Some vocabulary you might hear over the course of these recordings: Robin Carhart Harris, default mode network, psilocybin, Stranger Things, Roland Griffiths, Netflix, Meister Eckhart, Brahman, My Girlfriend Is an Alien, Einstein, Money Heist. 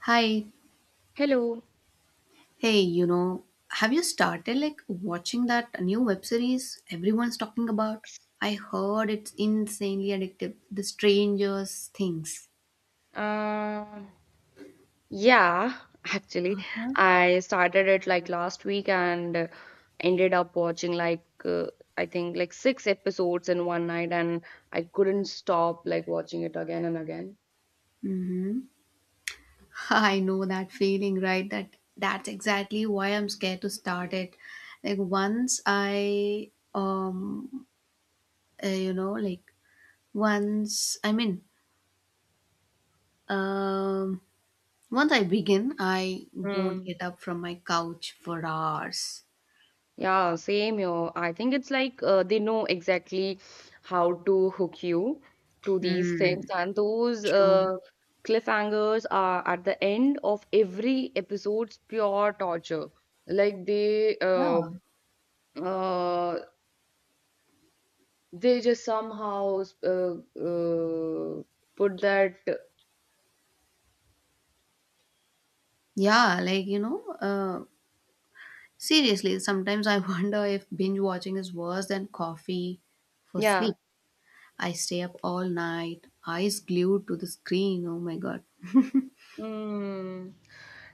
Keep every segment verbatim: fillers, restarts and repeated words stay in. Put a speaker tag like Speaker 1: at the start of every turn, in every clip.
Speaker 1: Hi.
Speaker 2: Hello.
Speaker 1: hey, you know, have you started like watching that new web series everyone's talking about? I heard it's insanely addictive. The Strangers Things.
Speaker 2: Uh, yeah, actually, I started it like last week and uh, ended up watching like uh, I think like six episodes in one night, and I couldn't stop like watching it again and again.
Speaker 1: I know that feeling, right? That that's exactly why I'm scared to start it. Like once I um uh, you know, like once I mean, um Once I begin, I won't
Speaker 2: Hmm.
Speaker 1: get up from my couch for hours.
Speaker 2: Yeah, same here. I think it's like uh, they know exactly how to hook you to these things,
Speaker 1: Hmm,
Speaker 2: and those
Speaker 1: true.
Speaker 2: uh, cliffhangers are at the end of every episode's pure torture. Like they uh,
Speaker 1: Yeah.
Speaker 2: uh, they just somehow uh, uh, put that,
Speaker 1: Yeah, like you know, uh, seriously, sometimes I wonder if binge watching is worse than coffee for
Speaker 2: yeah.
Speaker 1: sleep. I stay up all night, eyes glued to the screen. Oh my god.
Speaker 2: Mm.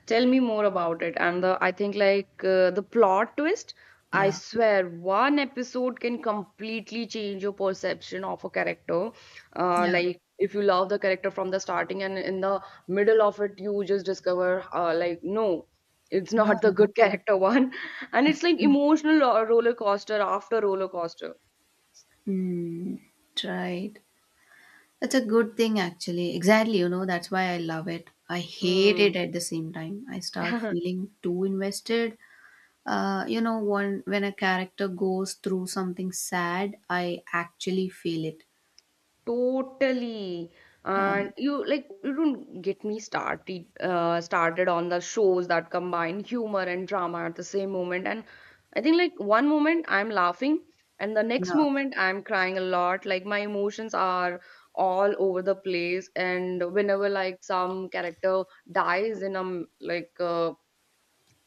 Speaker 2: Tell me more about it. And the I think like uh, the plot twist, I
Speaker 1: Yeah.
Speaker 2: swear one episode can completely change your perception of a character. Uh,
Speaker 1: Yeah.
Speaker 2: like if you love the character from the starting and in the middle of it you just discover uh, like no, it's not the
Speaker 1: Yeah.
Speaker 2: good character one. And it's like emotional ro- roller coaster after roller coaster.
Speaker 1: Hmm. Right. That's a good thing, actually. Exactly. You know, that's why I love it. I hate it
Speaker 2: Mm.
Speaker 1: at the same time. I start feeling too invested. Uh, you know, one when a character goes through something sad, I actually feel it.
Speaker 2: Totally.
Speaker 1: Yeah.
Speaker 2: And you like you don't get me started uh, started on the shows that combine humor and drama at the same moment. And I think like one moment I'm laughing and the next
Speaker 1: Yeah.
Speaker 2: moment I'm crying a lot. Like my emotions are all over the place. And whenever like some character dies in um like uh,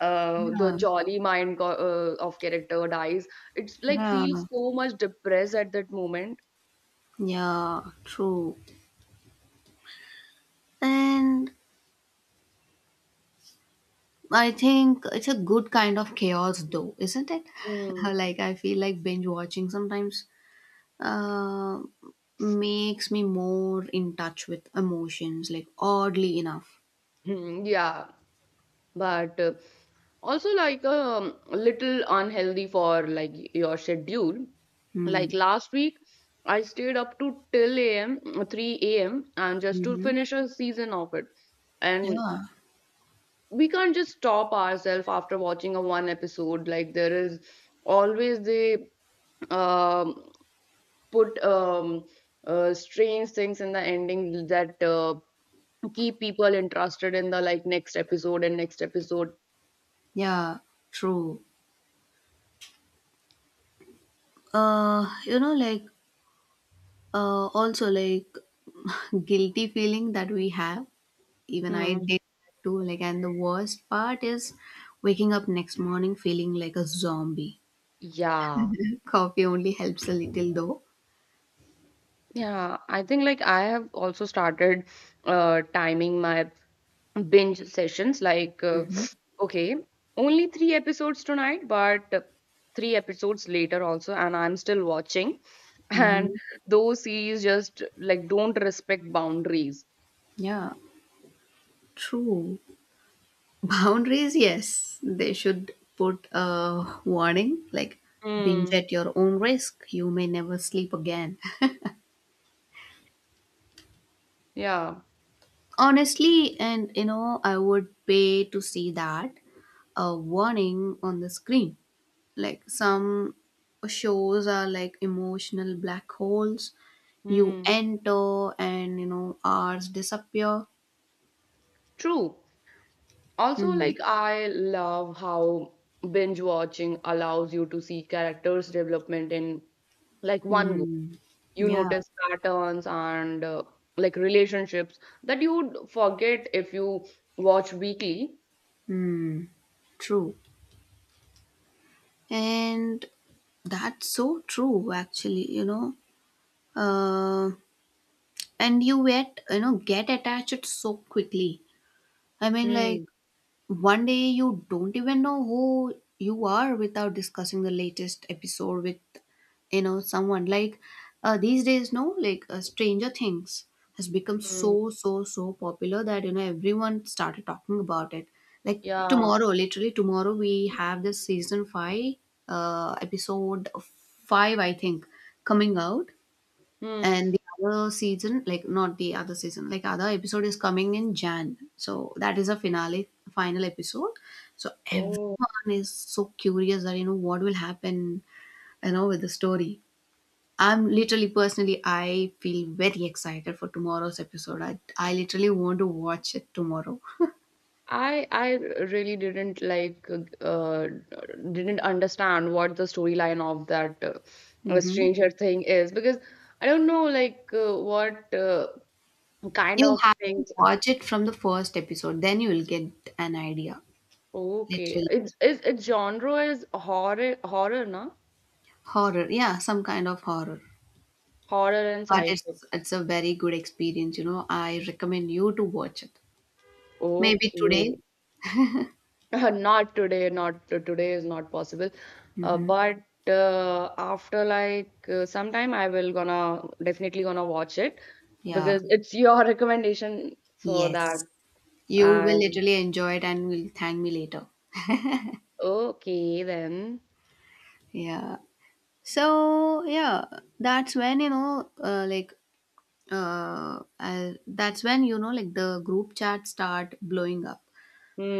Speaker 2: uh, the
Speaker 1: Yeah,
Speaker 2: jolly mind go- uh, of character dies, it's like feels
Speaker 1: yeah,
Speaker 2: so much depressed at that moment.
Speaker 1: yeah, true. And I think it's a good kind of chaos, though, isn't it?
Speaker 2: Mm.
Speaker 1: Like, I feel like binge watching sometimes uh, makes me more in touch with emotions, like, oddly enough.
Speaker 2: Hmm, yeah, but uh, also like um, a little unhealthy for like your schedule.
Speaker 1: Hmm.
Speaker 2: Like last week I stayed up to till am three a m and just to
Speaker 1: Mm-hmm.
Speaker 2: finish a season of it, and
Speaker 1: Yeah,
Speaker 2: we can't just stop ourselves after watching a one episode. Like there is always they, um, put, um, uh, strange things in the ending that uh, keep people interested in the like next episode and next episode.
Speaker 1: yeah, true. Uh, you know, like, uh, also, like, guilty feeling that we have. Even I
Speaker 2: Hmm.
Speaker 1: did that too. Like, and the worst part is waking up next morning feeling like a zombie.
Speaker 2: Yeah.
Speaker 1: Coffee only helps a little though.
Speaker 2: Yeah, I think like I have also started uh timing my binge sessions like uh,
Speaker 1: Mm-hmm.
Speaker 2: okay, only three episodes tonight, but uh, three episodes later also, and I'm still watching. And
Speaker 1: Mm-hmm.
Speaker 2: those series just like don't respect boundaries.
Speaker 1: Yeah, true. Boundaries, yes, they should put a warning like binge
Speaker 2: Mm,
Speaker 1: at your own risk. You may never sleep again.
Speaker 2: yeah.
Speaker 1: Honestly, and you know, I would pay to see that, a warning on the screen. Like some shows are like emotional black holes. You
Speaker 2: Mm,
Speaker 1: enter and you know hours disappear.
Speaker 2: true. Also,
Speaker 1: Hmm.
Speaker 2: like I love how binge watching allows you to see characters' development in like one
Speaker 1: Hmm.
Speaker 2: you
Speaker 1: Yeah.
Speaker 2: notice patterns and uh, like relationships that you'd forget if you watch weekly.
Speaker 1: Hmm. True. And that's so true, actually. You know. Uh. And you get you know get attached so quickly. I mean,
Speaker 2: Hmm.
Speaker 1: like, One day you don't even know who you are without discussing the latest episode with, you know, someone. Like uh, these days, no, like uh, Stranger Things has become so,
Speaker 2: Hmm.
Speaker 1: so, so popular that, you know, everyone started talking about it. Like
Speaker 2: Yeah.
Speaker 1: tomorrow, literally tomorrow, we have this season five, uh, episode five, I think, coming out.
Speaker 2: Hmm.
Speaker 1: And the other season, like not the other season, like other episode is coming in jan, so that is a finale final episode. So
Speaker 2: Oh,
Speaker 1: everyone is so curious that, you know, what will happen, you know, with the story. I'm literally personally i feel very excited for tomorrow's episode. I, I literally want to watch it tomorrow.
Speaker 2: I I really didn't like uh, didn't understand what the storyline of that uh,
Speaker 1: Hmm.
Speaker 2: Stranger Thing is because I don't know like uh, what uh, kind
Speaker 1: You
Speaker 2: of
Speaker 1: have to
Speaker 2: things.
Speaker 1: watch it from the first episode, then you will get an idea.
Speaker 2: Okay,
Speaker 1: Literally
Speaker 2: it's it's, its genre is horror horror, na?
Speaker 1: horror, yeah, some kind of horror.
Speaker 2: Horror and
Speaker 1: but
Speaker 2: sci-fi.
Speaker 1: it's it's a very good experience, you know. I recommend you to watch it, maybe today.
Speaker 2: Okay. not today, not to- today is not possible, uh, but uh, after like uh, sometime i will gonna definitely gonna watch it
Speaker 1: Yeah.
Speaker 2: because it's your recommendation, so that
Speaker 1: Yes, you
Speaker 2: I,
Speaker 1: will literally enjoy it and will thank me later.
Speaker 2: okay then.
Speaker 1: Yeah, so yeah. that's when you know uh, like uh, uh that's when you know, like, the group chat start blowing up,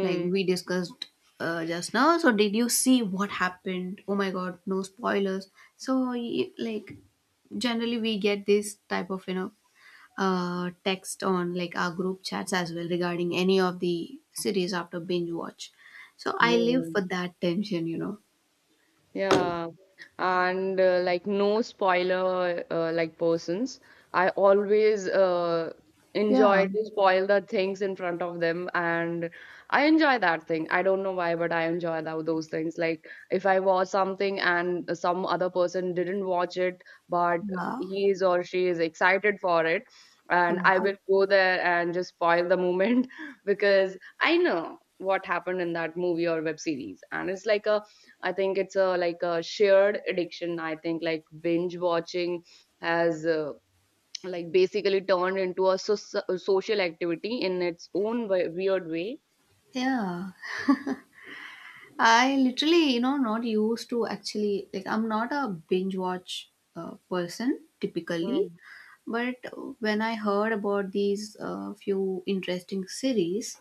Speaker 1: like we discussed uh, just now. So did you see what happened? Oh my god, no spoilers. So y- like generally we get this type of, you know, uh, text on like our group chats as well regarding any of the series after binge watch. So I
Speaker 2: yeah.
Speaker 1: live for that tension, you know.
Speaker 2: Yeah, and uh, like no spoiler uh, like persons. I always uh,
Speaker 1: Yeah.
Speaker 2: enjoy to spoil the things in front of them, and I enjoy that thing. I don't know why, but I enjoy tho- those things. Like if I watch something and some other person didn't watch it, but
Speaker 1: Yeah.
Speaker 2: he is or she is excited for it,
Speaker 1: Yeah.
Speaker 2: and I will go there and just spoil the moment because I know what happened in that movie or web series, and it's like a, I think it's a like a shared addiction. I think like binge watching has uh, like basically turned into a, so- social activity in its own we- weird way.
Speaker 1: Yeah. I literally, you know, not used to actually. Like, I'm not a binge watch uh, person typically.
Speaker 2: Mm.
Speaker 1: But when I heard about these uh, few interesting series,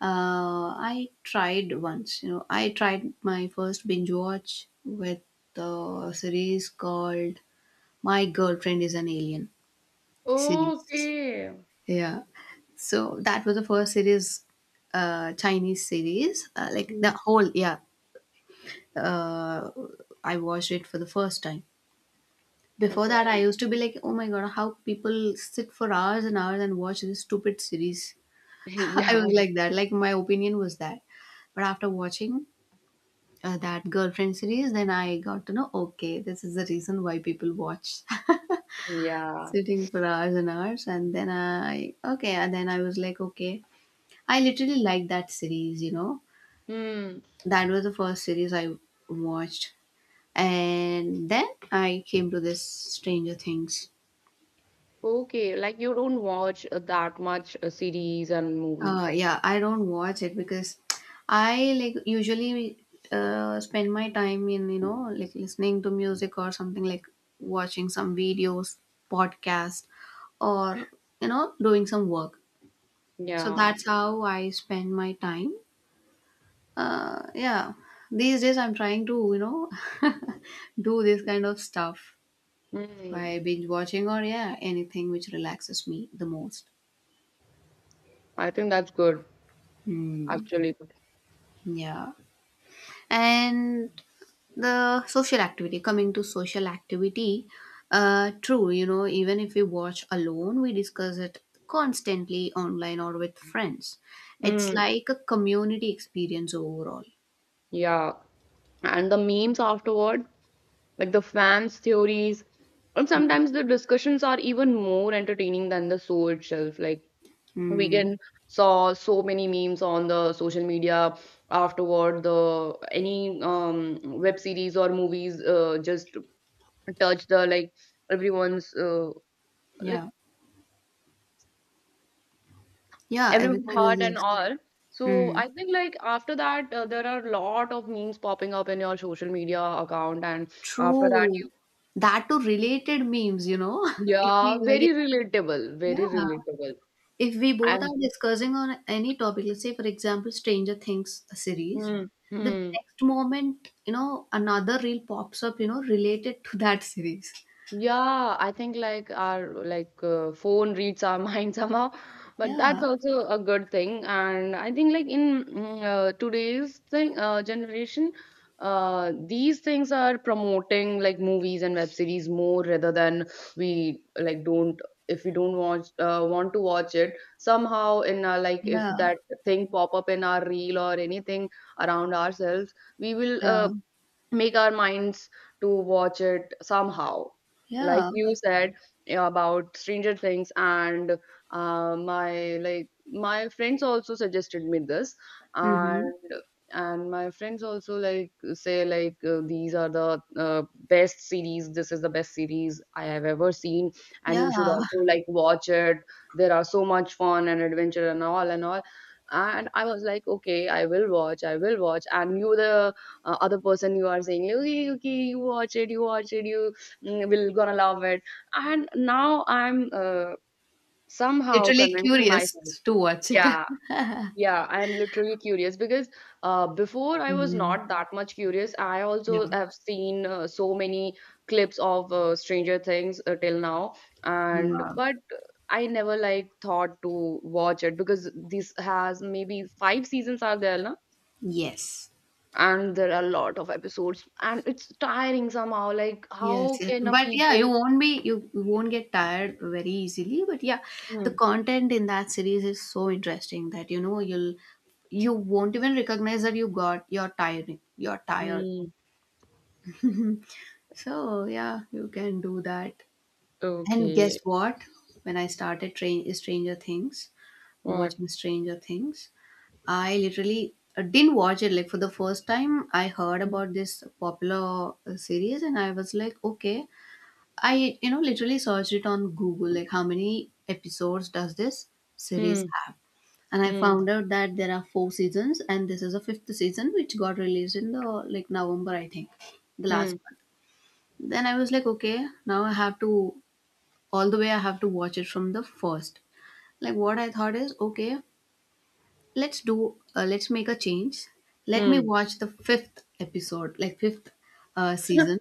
Speaker 1: uh, I tried once. You know, I tried my first binge watch with the series called "My Girlfriend Is an Alien" series.
Speaker 2: Okay.
Speaker 1: Yeah, so that was the first series, uh, Chinese series. Uh, like the
Speaker 2: Mm.
Speaker 1: whole, yeah, uh, I watched it for the first time. Before that,
Speaker 2: Okay.
Speaker 1: I used to be like, oh my god, how people sit for hours and hours and watch this stupid series. I
Speaker 2: Yeah.
Speaker 1: was like that. Like, my opinion was that. But after watching uh, that girlfriend series, then I got to know, okay, this is the reason why people watch
Speaker 2: Yeah.
Speaker 1: sitting for hours and hours. And then I, okay, and then I was like, okay, I literally like that series, you know.
Speaker 2: Hmm.
Speaker 1: That was the first series I watched. And then I came to this Stranger Things.
Speaker 2: Okay. Like you don't watch uh, that much uh, series and movie.
Speaker 1: Uh, yeah, I don't watch it because I like usually uh, spend my time in, you know, like listening to music or something like watching some videos, podcast, or you know doing some work. So
Speaker 2: Yeah.
Speaker 1: that's how I spend my time. Uh, yeah, these days I'm trying to, you know, do this kind of stuff
Speaker 2: Hmm.
Speaker 1: by binge watching, or yeah, anything which relaxes me the most.
Speaker 2: I think that's good,
Speaker 1: Hmm.
Speaker 2: actually.
Speaker 1: Yeah. And the social activity coming to social activity, uh true, you know, even if we watch alone we discuss it constantly online or with friends. It's
Speaker 2: Hmm.
Speaker 1: like a community experience overall.
Speaker 2: Yeah. And the memes afterwards, like the fans' theories. And sometimes the discussions are even more entertaining than the show itself. Like we
Speaker 1: Hmm.
Speaker 2: can saw so many memes on the social media afterward. The any um, web series or movies uh, just touch the like everyone's uh, like
Speaker 1: Yeah, yeah,
Speaker 2: everyone's
Speaker 1: everything is
Speaker 2: heart and
Speaker 1: like,
Speaker 2: all. So
Speaker 1: hmm,
Speaker 2: I think like after that uh, there are a lot of memes popping up in your social media account, and after that
Speaker 1: true,
Speaker 2: you,
Speaker 1: that to related memes, you know. If we
Speaker 2: yeah, very
Speaker 1: like,
Speaker 2: relatable, very
Speaker 1: yeah,
Speaker 2: relatable.
Speaker 1: if we both
Speaker 2: And
Speaker 1: are discussing on any topic, let's say for example, Stranger Things series,
Speaker 2: hmm,
Speaker 1: the
Speaker 2: hmm.
Speaker 1: next moment, you know, another reel pops up, you know, related to that series.
Speaker 2: Yeah, I think like our like uh, phone reads our mind somehow, but
Speaker 1: Yeah,
Speaker 2: that's also a good thing. And I think like in mm, uh, today's thing uh, generation, uh, these things are promoting like movies and web series more rather than we like don't if we don't watch uh, want to watch it somehow in our, like if
Speaker 1: yeah,
Speaker 2: that thing pop up in our reel or anything around ourselves we will uh,
Speaker 1: yeah,
Speaker 2: make our minds to watch it somehow, like
Speaker 1: yeah.
Speaker 2: you said, yeah, about Stranger Things and uh, my like my friends also suggested me this,
Speaker 1: Mm-hmm.
Speaker 2: and and my friends also like say like uh, these are the uh, best series, this is the best series I have ever seen, and you should
Speaker 1: Yeah,
Speaker 2: also like watch it. There are so much fun and adventure and all and all, and I was like okay I will watch I will watch, and you the uh, other person you are saying okay okay you watch it you watch it you, mm, will gonna love it. And now I'm, uh, somehow
Speaker 1: literally
Speaker 2: convincing
Speaker 1: curious
Speaker 2: myself.
Speaker 1: to watch it.
Speaker 2: Yeah, yeah, I'm literally curious because uh, before I was
Speaker 1: Mhm.
Speaker 2: not that much curious. I also
Speaker 1: Yeah,
Speaker 2: have seen uh, so many clips of uh, Stranger Things uh, till now, and
Speaker 1: yeah,
Speaker 2: but I never like thought to watch it because this has maybe five seasons are there, na?
Speaker 1: yes.
Speaker 2: And there are a lot of episodes and it's tiring somehow, like
Speaker 1: Yes,
Speaker 2: how
Speaker 1: yes.
Speaker 2: can a
Speaker 1: But yeah, you
Speaker 2: people.
Speaker 1: won't be, you you won't get tired very easily. But yeah, the
Speaker 2: Hmm.
Speaker 1: content in that series is so interesting that you know you'll you won't even recognize that you got you're tired. You're tired.
Speaker 2: Hmm.
Speaker 1: So yeah, you can do that. And guess
Speaker 2: Okay,
Speaker 1: what? When I started train Stranger Things,
Speaker 2: what.
Speaker 1: watching Stranger Things, I literally uh, didn't watch it. Like for the first time, I heard
Speaker 2: Hmm.
Speaker 1: about this popular uh, series, and I was like, okay. I, you know, literally searched it on Google, like how many episodes does this
Speaker 2: Hmm.
Speaker 1: series have? And I
Speaker 2: Hmm.
Speaker 1: found out that there are four seasons, and this is a fifth season, which got released in the like November, I think, the
Speaker 2: Hmm.
Speaker 1: last month. Then I was like, okay, now I have to, all the way, I have to watch it from the first. Like what I thought is, okay, let's do, uh, let's make a change. Let me
Speaker 2: Hmm.
Speaker 1: watch the fifth episode, like fifth uh, season,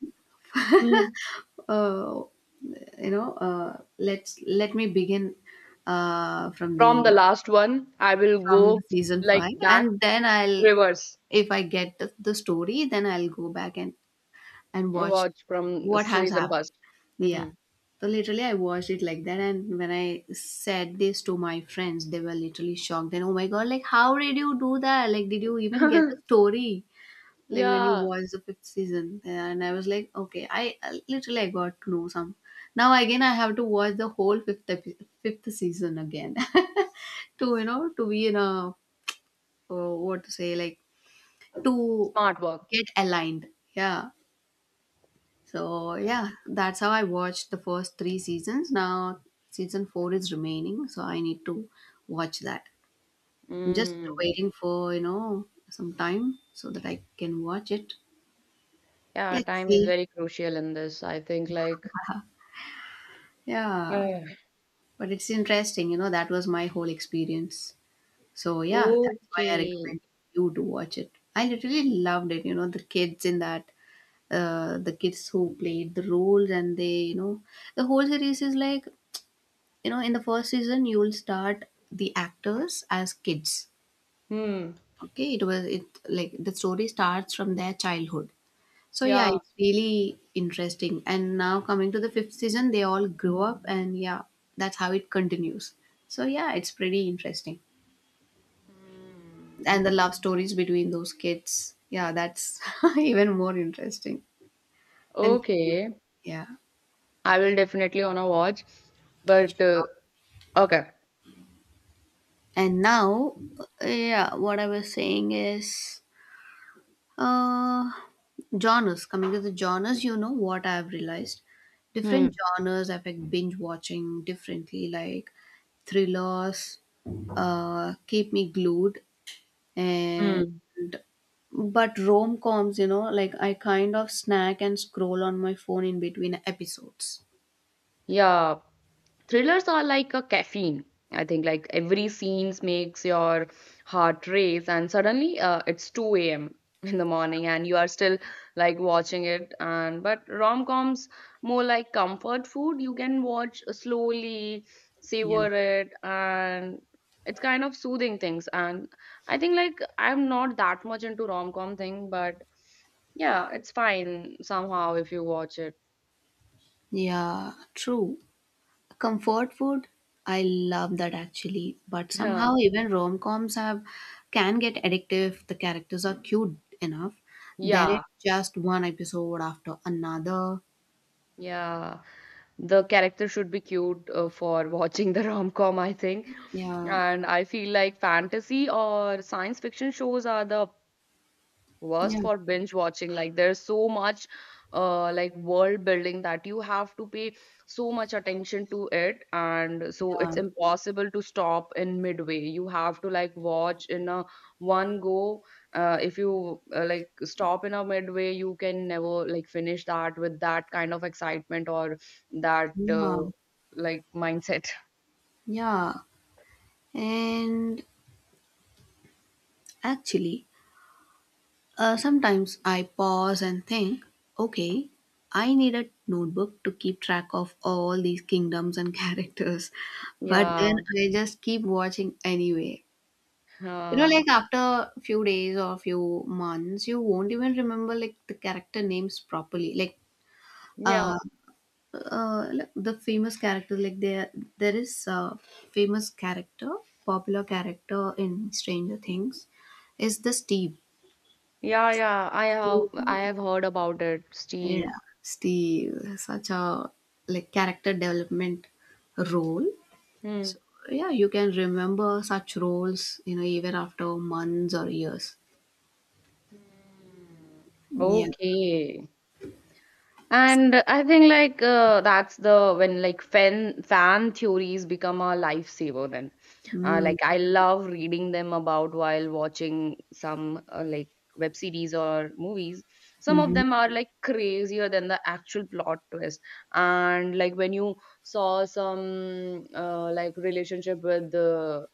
Speaker 1: uh, you know, uh, let's let me begin uh, from
Speaker 2: From the
Speaker 1: the
Speaker 2: last one I will
Speaker 1: from the
Speaker 2: go,
Speaker 1: season
Speaker 2: like
Speaker 1: five,
Speaker 2: back,
Speaker 1: and then I'll,
Speaker 2: reverse,
Speaker 1: if I get the, the story, then I'll go back and and watch
Speaker 2: watch from
Speaker 1: what has
Speaker 2: season
Speaker 1: happened.
Speaker 2: first.
Speaker 1: Yeah.
Speaker 2: Hmm.
Speaker 1: So literally, I watched it like that, and when I said this to my friends, they were literally shocked. And oh my god, like how did you do that? Like, did you even get the story, like when you
Speaker 2: yeah,
Speaker 1: watch the fifth season? And I was like, okay, i I- literally i got to know some. Now again I have to watch the whole fifth epi- fifth season again to you know to be in a, uh, what to say, like to
Speaker 2: smart work.
Speaker 1: get aligned. Yeah. So
Speaker 2: Yeah.
Speaker 1: yeah, that's how I watched the first three seasons. Now season four is remaining, so I need to watch that. I'm just
Speaker 2: Mm.
Speaker 1: waiting for, you know, some time so that I can watch it.
Speaker 2: Yeah,
Speaker 1: Let's
Speaker 2: time is
Speaker 1: see.
Speaker 2: very crucial in this I think like,
Speaker 1: Yeah.
Speaker 2: ah,
Speaker 1: But it's interesting, you know, that was my whole experience. So yeah, that's why I
Speaker 2: okay,
Speaker 1: recommend you to watch it. I literally loved it, you know, the kids in that, uh, the kids who played the roles, and they, you know, the whole series is like, you know, in the first season you will start the actors as kids.
Speaker 2: hmm,
Speaker 1: Okay, it was it, like the story starts from their childhood. So yeah,
Speaker 2: yeah.
Speaker 1: it's really interesting. And now coming to the fifth season, they all grow up, and yeah, that's how it continues. So yeah, it's pretty interesting.
Speaker 2: Mm.
Speaker 1: And the love stories between those kids, yeah, that's even more interesting and cute.
Speaker 2: Okay,
Speaker 1: Yeah.
Speaker 2: I will definitely wanna watch, but uh, okay.
Speaker 1: And now, uh, yeah, what I was saying is, Uh, genres. Coming to the genres, you know what I've realized? Different
Speaker 2: Hmm.
Speaker 1: genres affect binge watching differently, like thrillers, uh, keep me glued, and
Speaker 2: Hmm.
Speaker 1: but rom coms, you know, like I kind of snack and scroll on my phone in between episodes.
Speaker 2: Yeah, thrillers are like a caffeine. I think like every scenes makes your heart race and suddenly uh, it's two a.m in the morning and you are still like watching it, and but rom-coms more like comfort food, you can watch slowly,
Speaker 1: Yeah.
Speaker 2: savor it, and it's kind of soothing things. And I think like I'm not that much into rom-com thing, but yeah it's fine somehow if you watch it.
Speaker 1: Yeah, true. Comfort food, I love that actually, but
Speaker 2: yeah.
Speaker 1: somehow even rom-coms have can get addictive, if the characters are cute enough. Then
Speaker 2: Yeah,
Speaker 1: it's just one episode after another.
Speaker 2: yeah, the character should be cute uh, for watching the rom-com I think.
Speaker 1: Yeah,
Speaker 2: And I feel like fantasy or science fiction shows are the
Speaker 1: yeah,
Speaker 2: worst for binge watching. Like there's so much uh like world building that you have to pay so much attention to it, and so
Speaker 1: yeah,
Speaker 2: it's impossible to stop in midway, you have to like watch in a one go. Uh, if you uh, like stop in a midway you can never like finish that with that kind of excitement or that
Speaker 1: yeah,
Speaker 2: uh, like mindset.
Speaker 1: yeah. And actually, uh, sometimes I pause and think, okay, I need a notebook to keep track of all these kingdoms and characters, but then
Speaker 2: yeah.
Speaker 1: I just keep watching anyway. You know,
Speaker 2: uh,
Speaker 1: like after few days or few months, you won't even remember like the character names properly. Like,
Speaker 2: yeah.
Speaker 1: uh, uh, like, the famous character, like there, there is a famous character, popular character in Stranger Things, is the Steve.
Speaker 2: Yeah, yeah, i have
Speaker 1: Steve.
Speaker 2: i have heard about it,
Speaker 1: Yeah,
Speaker 2: Steve.
Speaker 1: Steve, such a like character development role.
Speaker 2: Hmm.
Speaker 1: Yeah, you can remember such roles, you know, even after months or years.
Speaker 2: Mm.
Speaker 1: Yeah.
Speaker 2: Okay. And I think like uh, that's the when like fan fan theories become a lifesaver then. Uh,
Speaker 1: Mm-hmm.
Speaker 2: like I love reading them about while watching some uh, like web series or movies. Some of
Speaker 1: Mm-hmm.
Speaker 2: them are like crazier than the actual plot twist. And like when you saw some uh, like relationship with the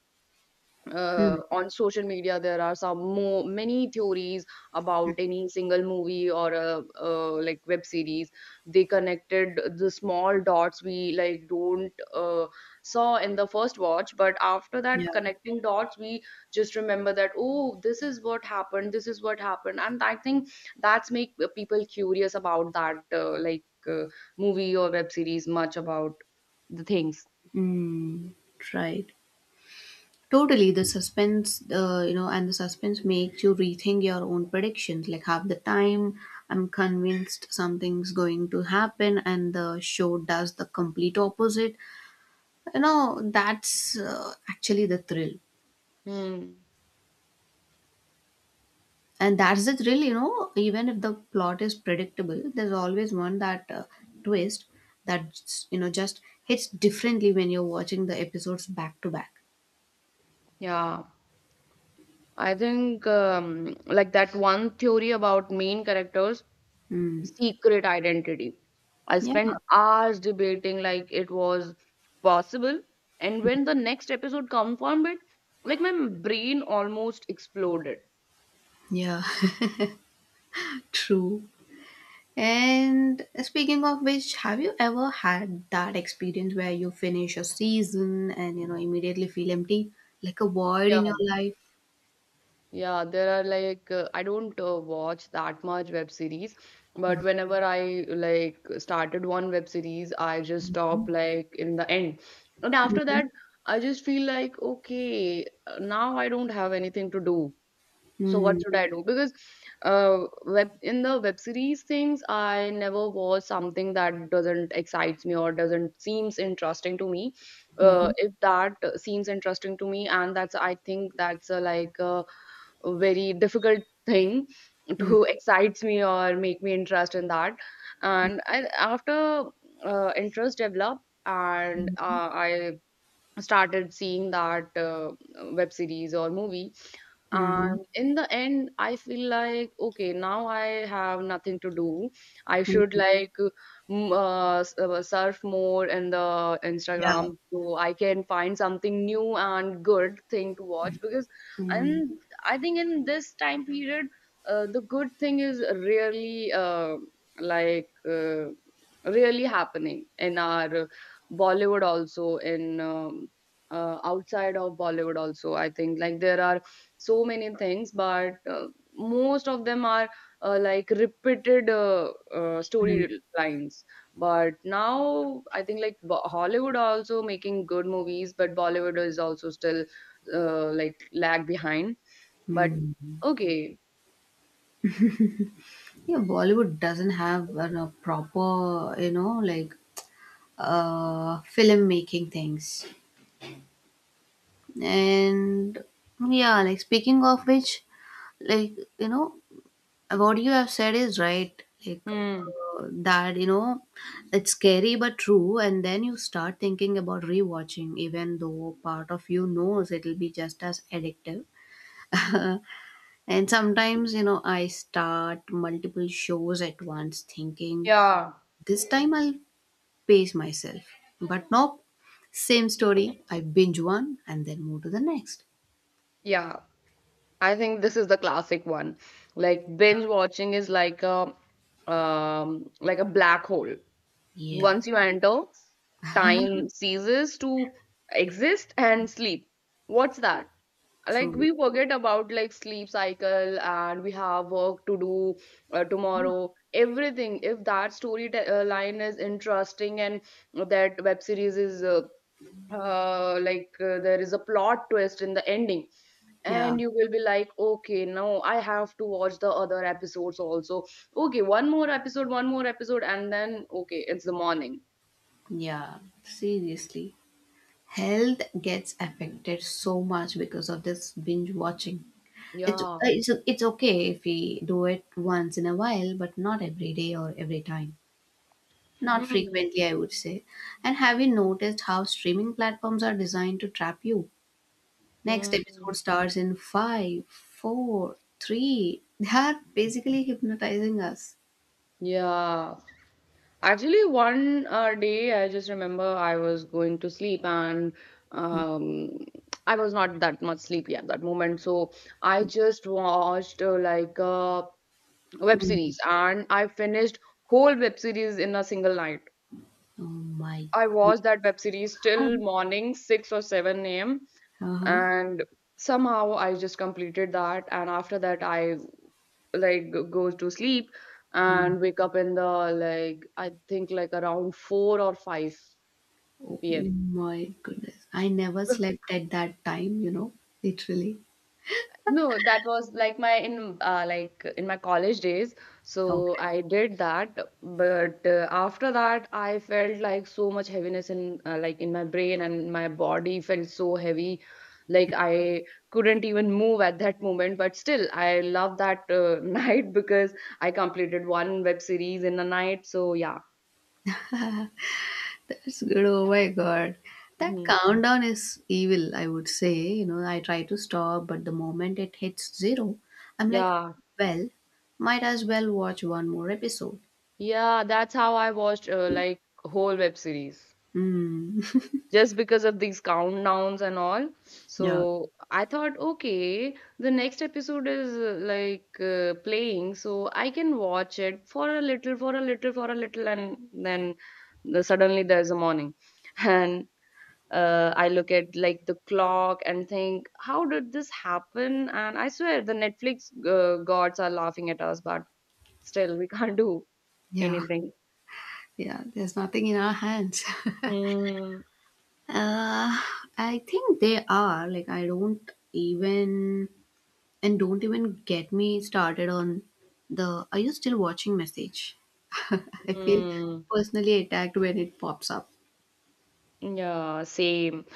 Speaker 1: Hmm.
Speaker 2: uh, on social media there are some more many theories about any single movie or a, uh, like web series. They connected the small dots we like don't uh, saw in the first watch, but after that
Speaker 1: Yeah.
Speaker 2: connecting dots we just remember that, oh, this is what happened, this is what happened. And I think that's make people curious about that uh, like uh, movie or web series much about the things.
Speaker 1: Mm, right. Totally. The suspense, uh, you know, and the suspense makes you rethink your own predictions. Like half the time, I'm convinced something's going to happen, and the show does the complete opposite. You know, that's uh, actually the thrill.
Speaker 2: Hmm.
Speaker 1: And that's the thrill, you know, even if the plot is predictable, there's always one that uh, twist that, you know, just hits differently when you're watching the episodes back to back.
Speaker 2: Yeah. I think um, like that one theory about main characters'
Speaker 1: Mm.
Speaker 2: secret identity. I
Speaker 1: Yeah.
Speaker 2: spent hours debating like it was possible, and when the next episode confirmed it, like my brain almost exploded.
Speaker 1: Yeah. True. And speaking of which, have you ever had that experience where you finish a season and you know immediately feel empty, like a void
Speaker 2: Yeah.
Speaker 1: in your life?
Speaker 2: Yeah, there are like uh, I don't uh, watch that much web series, but whenever I like started one web series, I just stop like in the end. And after
Speaker 1: Mhm.
Speaker 2: that, I just feel like okay, uh, now I don't have anything to do. So what
Speaker 1: Mm,
Speaker 2: should I do? Because uh web in the web series things, I never watch something that doesn't excites me or doesn't seems interesting to me. Uh,
Speaker 1: mhm,
Speaker 2: if that uh, seems interesting to me, and that's I think that's a, like a very difficult thing
Speaker 1: mhm,
Speaker 2: to excites me or make me interest in that. And I, after uh, interest developed and uh, I started seeing that uh, web series or movie,
Speaker 1: mhm,
Speaker 2: and in the end, I feel like, okay, now I have nothing to do. I should
Speaker 1: mhm.
Speaker 2: like, m- uh, s- uh, surf more in the
Speaker 1: Yeah.
Speaker 2: Instagram so I can find something new and good thing to watch because,
Speaker 1: Mm,
Speaker 2: and I think in this time period, uh, the good thing is really uh, like uh, really happening in our Bollywood also in um, uh, outside of Bollywood also. I think like there are so many things but uh, most of them are uh, like repeated uh, uh,
Speaker 1: mm,
Speaker 2: story lines. But now I think like Bo- hollywood are also making good movies, but Bollywood is also still uh, like lag behind. But
Speaker 1: mm.
Speaker 2: okay.
Speaker 1: Yeah, Bollywood doesn't have a know, proper, you know, like uh film making things. And yeah, like speaking of which, like you know What you have said is right. Like
Speaker 2: Hmm.
Speaker 1: uh, that, you know, it's scary but true. And then you start thinking about rewatching, even though part of you knows it'll be just as addictive. And sometimes, you know, I start multiple shows at once, thinking
Speaker 2: Yeah.
Speaker 1: this time I'll pace myself. But nope, same story. I binge one and then move to the next.
Speaker 2: Yeah, I think this is the classic one. Like binge watching is like a um like a black hole.
Speaker 1: Yeah,
Speaker 2: Once you enter, time ceases to exist and sleep. What's that? Like
Speaker 1: true.
Speaker 2: we forget about like sleep cycle and we have work to do uh, tomorrow. Everything. If that story te- uh, line is interesting and that web series is uh, uh, like uh, there is a plot twist in the ending,
Speaker 1: Yeah,
Speaker 2: and you will be like, okay, now I have to watch the other episodes also. Okay, one more episode, one more episode, and then okay, it's the morning.
Speaker 1: yeah, seriously. health gets affected so much because of this binge watching. It's uh,
Speaker 2: Yeah.
Speaker 1: it's it's okay if we do it once in a while, but not every day or every time. Not
Speaker 2: Hmm.
Speaker 1: frequently, I would say. And have you noticed how streaming platforms are designed to trap you? Next
Speaker 2: Hmm.
Speaker 1: episode starts in five, four, three. They are basically hypnotizing us.
Speaker 2: Yeah. Actually, one uh, day I just remember I was going to sleep and um, I was not that much sleepy at that moment. So I just watched uh, like a web
Speaker 1: Mhm.
Speaker 2: series and I finished whole web series in a single night.
Speaker 1: Oh my.
Speaker 2: I watched that web series till
Speaker 1: Um,
Speaker 2: morning six or seven a m
Speaker 1: Uh huh.
Speaker 2: And somehow I just completed that. And after that, I like g- goes to sleep and wake up in the like I think like around four or
Speaker 1: Oh
Speaker 2: five p m
Speaker 1: my goodness. I never slept at that time, you know, literally.
Speaker 2: No, that was like my in uh, like in my college days. So
Speaker 1: Okay.
Speaker 2: I did that, but uh, after that I felt like so much heaviness in uh, like in my brain, and my body felt so heavy, like I couldn't even move at that moment. But still, I love that uh, night because I completed one web series in a night. So yeah.
Speaker 1: That's good. Oh my God. That
Speaker 2: Mm-hmm.
Speaker 1: countdown is evil, I would say. You know, I try to stop, but the moment it hits zero, I'm like,
Speaker 2: Yeah,
Speaker 1: well, might as well watch one more episode.
Speaker 2: yeah, that's how I watched uh, like whole web series
Speaker 1: Hmm.
Speaker 2: just because of these countdowns and all.
Speaker 1: Yeah.
Speaker 2: So I thought, okay, the next episode is uh, like uh, playing, so I can watch it for a little, for a little, for a little, and then the, suddenly there's a morning, and uh, I look at like the clock and think, how did this happen? And I swear the Netflix uh, gods are laughing at us, but still we can't do
Speaker 1: Yeah,
Speaker 2: anything.
Speaker 1: yeah, there's nothing in our hands.
Speaker 2: Mm,
Speaker 1: Uh, I think they are. Like, I don't even. And don't even get me started on the are you still watching message? I feel
Speaker 2: mm,
Speaker 1: personally attacked when it pops up.
Speaker 2: yeah, same.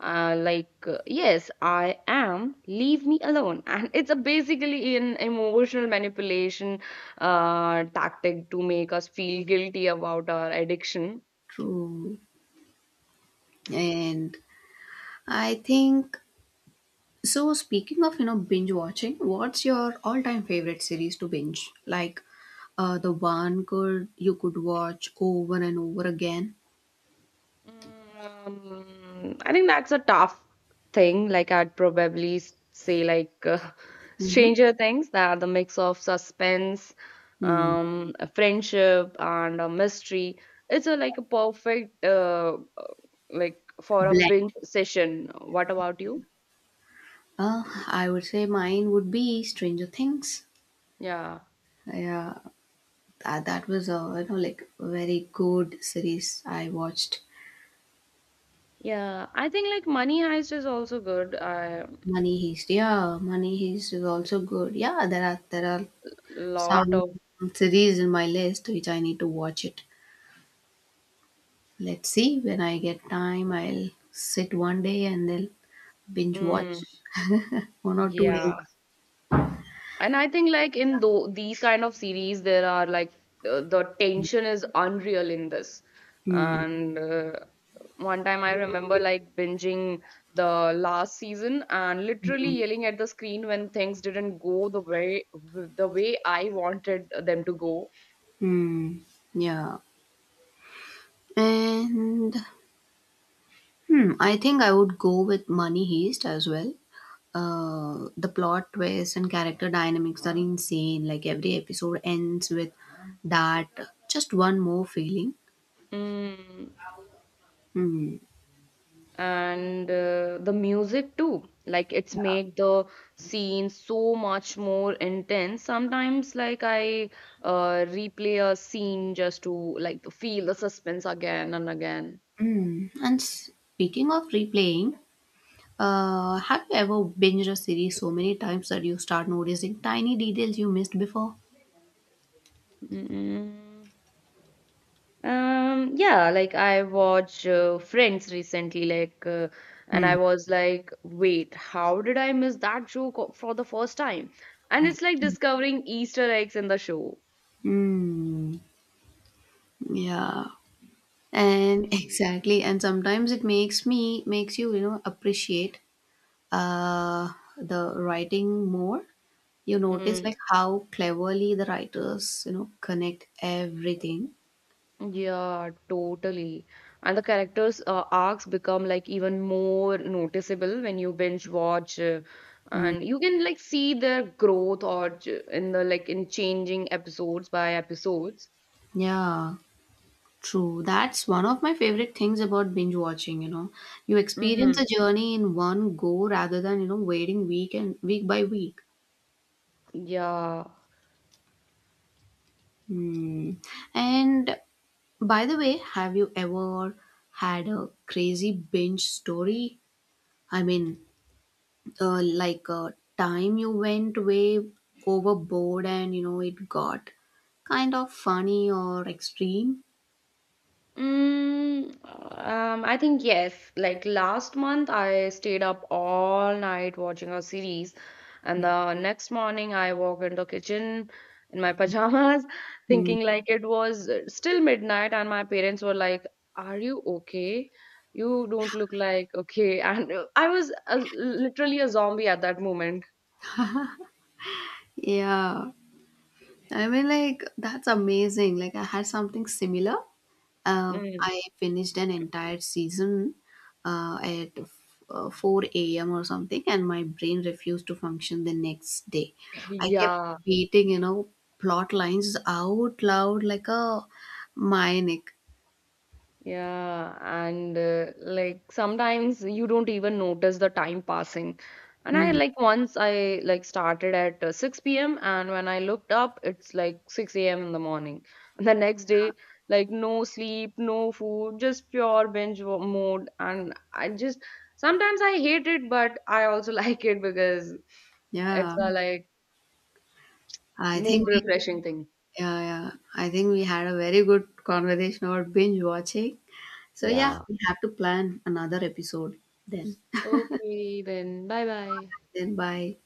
Speaker 2: Uh, like, uh, yes, I am. Leave me alone. And it's a basically an emotional manipulation uh, tactic to make us feel guilty about our addiction.
Speaker 1: True. And I think, so speaking of, you know, binge watching, what's your all-time favorite series to binge? Like uh, the one could you could watch over and over again?
Speaker 2: Um, I think that's a tough thing. Like I'd probably s- say like uh,
Speaker 1: Mm-hmm.
Speaker 2: Stranger Things. They are the mix of suspense,
Speaker 1: Mm.
Speaker 2: um, a friendship, and a mystery. It's a like a perfect uh, uh, like for a
Speaker 1: Blend.
Speaker 2: binge session. What about you?
Speaker 1: Uh, I would say mine would be Stranger Things.
Speaker 2: Yeah,
Speaker 1: Yeah, that, that was a you know like very good series I watched.
Speaker 2: yeah. I think like Money Heist is also good. A
Speaker 1: Money Heist, yeah, Money Heist is also good. Yeah, there are there are
Speaker 2: lot
Speaker 1: some
Speaker 2: of
Speaker 1: series in my list which I need to watch it. Let's see when I get time. I'll sit one day and then binge
Speaker 2: mm,
Speaker 1: watch one or two days.
Speaker 2: yeah. And I think like in tho these kind of series, there are like uh, the tension is unreal in this.
Speaker 1: Hmm.
Speaker 2: And uh, one time I remember like binging the last season and literally
Speaker 1: Hmm.
Speaker 2: yelling at the screen when things didn't go the way the way I wanted them to go.
Speaker 1: Hmm. Yeah, and Hmm, I think I would go with Money Heist as well. Uh, the plot twists and character dynamics are insane. Like every episode ends with that just one more feeling.
Speaker 2: Mm.
Speaker 1: Hmm.
Speaker 2: And uh, the music too, like it's made the scene so much more intense. Sometimes like I uh, replay a scene just to like feel the suspense again and again.
Speaker 1: Hmm. And speaking of replaying, uh, have you ever binged a series so many times that you start noticing tiny details you missed before?
Speaker 2: Mm. Um, yeah, like I watch uh, Friends recently, like, uh, and
Speaker 1: Hmm.
Speaker 2: I was like, wait, how did I miss that joke o- for the first time? And it's like discovering Easter eggs in the show.
Speaker 1: Hmm. Yeah. And exactly. And sometimes it makes me makes you you know appreciate uh, the writing more. You notice
Speaker 2: Mm-hmm.
Speaker 1: like how cleverly the writers, you know, connect everything.
Speaker 2: Yeah, totally. And the characters' uh, arcs become like even more noticeable when you binge watch, uh,
Speaker 1: Mm,
Speaker 2: and you can like see their growth or ch- in the like in changing episodes by episodes.
Speaker 1: yeah, true. That's one of my favorite things about binge watching, you know. You experience
Speaker 2: Hmm.
Speaker 1: a journey in one go rather than, you know, waiting week and week by week.
Speaker 2: Yeah.
Speaker 1: Hmm. And by the way, have you ever had a crazy binge story? I mean, uh, like a time you went way overboard and you know it got kind of funny or extreme.
Speaker 2: Mm, um, I think yes. Like last month, I stayed up all night watching a series, and the next morning, I walked into kitchen in my pajamas,
Speaker 1: Mm.
Speaker 2: thinking like it was uh, still midnight, and my parents were like, "Are you okay? You don't look like okay." And uh, I was uh, literally a zombie at that moment.
Speaker 1: Yeah, I mean, like, that's amazing. Like I had something similar. uh,
Speaker 2: Mm.
Speaker 1: i finished an entire season uh, at f- uh, four a m or something, and my brain refused to function the next day. I kept
Speaker 2: Yeah.
Speaker 1: repeating you know plot lines out loud like a maniac.
Speaker 2: Yeah, and uh, like sometimes you don't even notice the time passing. And I
Speaker 1: Mm.
Speaker 2: like once I like started at uh, six p m and when I looked up, it's like six a m in the morning. And the next day, like no sleep, no food, just pure binge wo- mode. And I just sometimes I hate it, but I also like it because it's
Speaker 1: Yeah,
Speaker 2: a like
Speaker 1: I think
Speaker 2: mood
Speaker 1: we,
Speaker 2: refreshing thing.
Speaker 1: yeah, yeah, I think we had a very good conversation about binge watching. So yeah,
Speaker 2: Yeah.
Speaker 1: we have to plan another episode then.
Speaker 2: Okay, then bye bye.
Speaker 1: Then bye.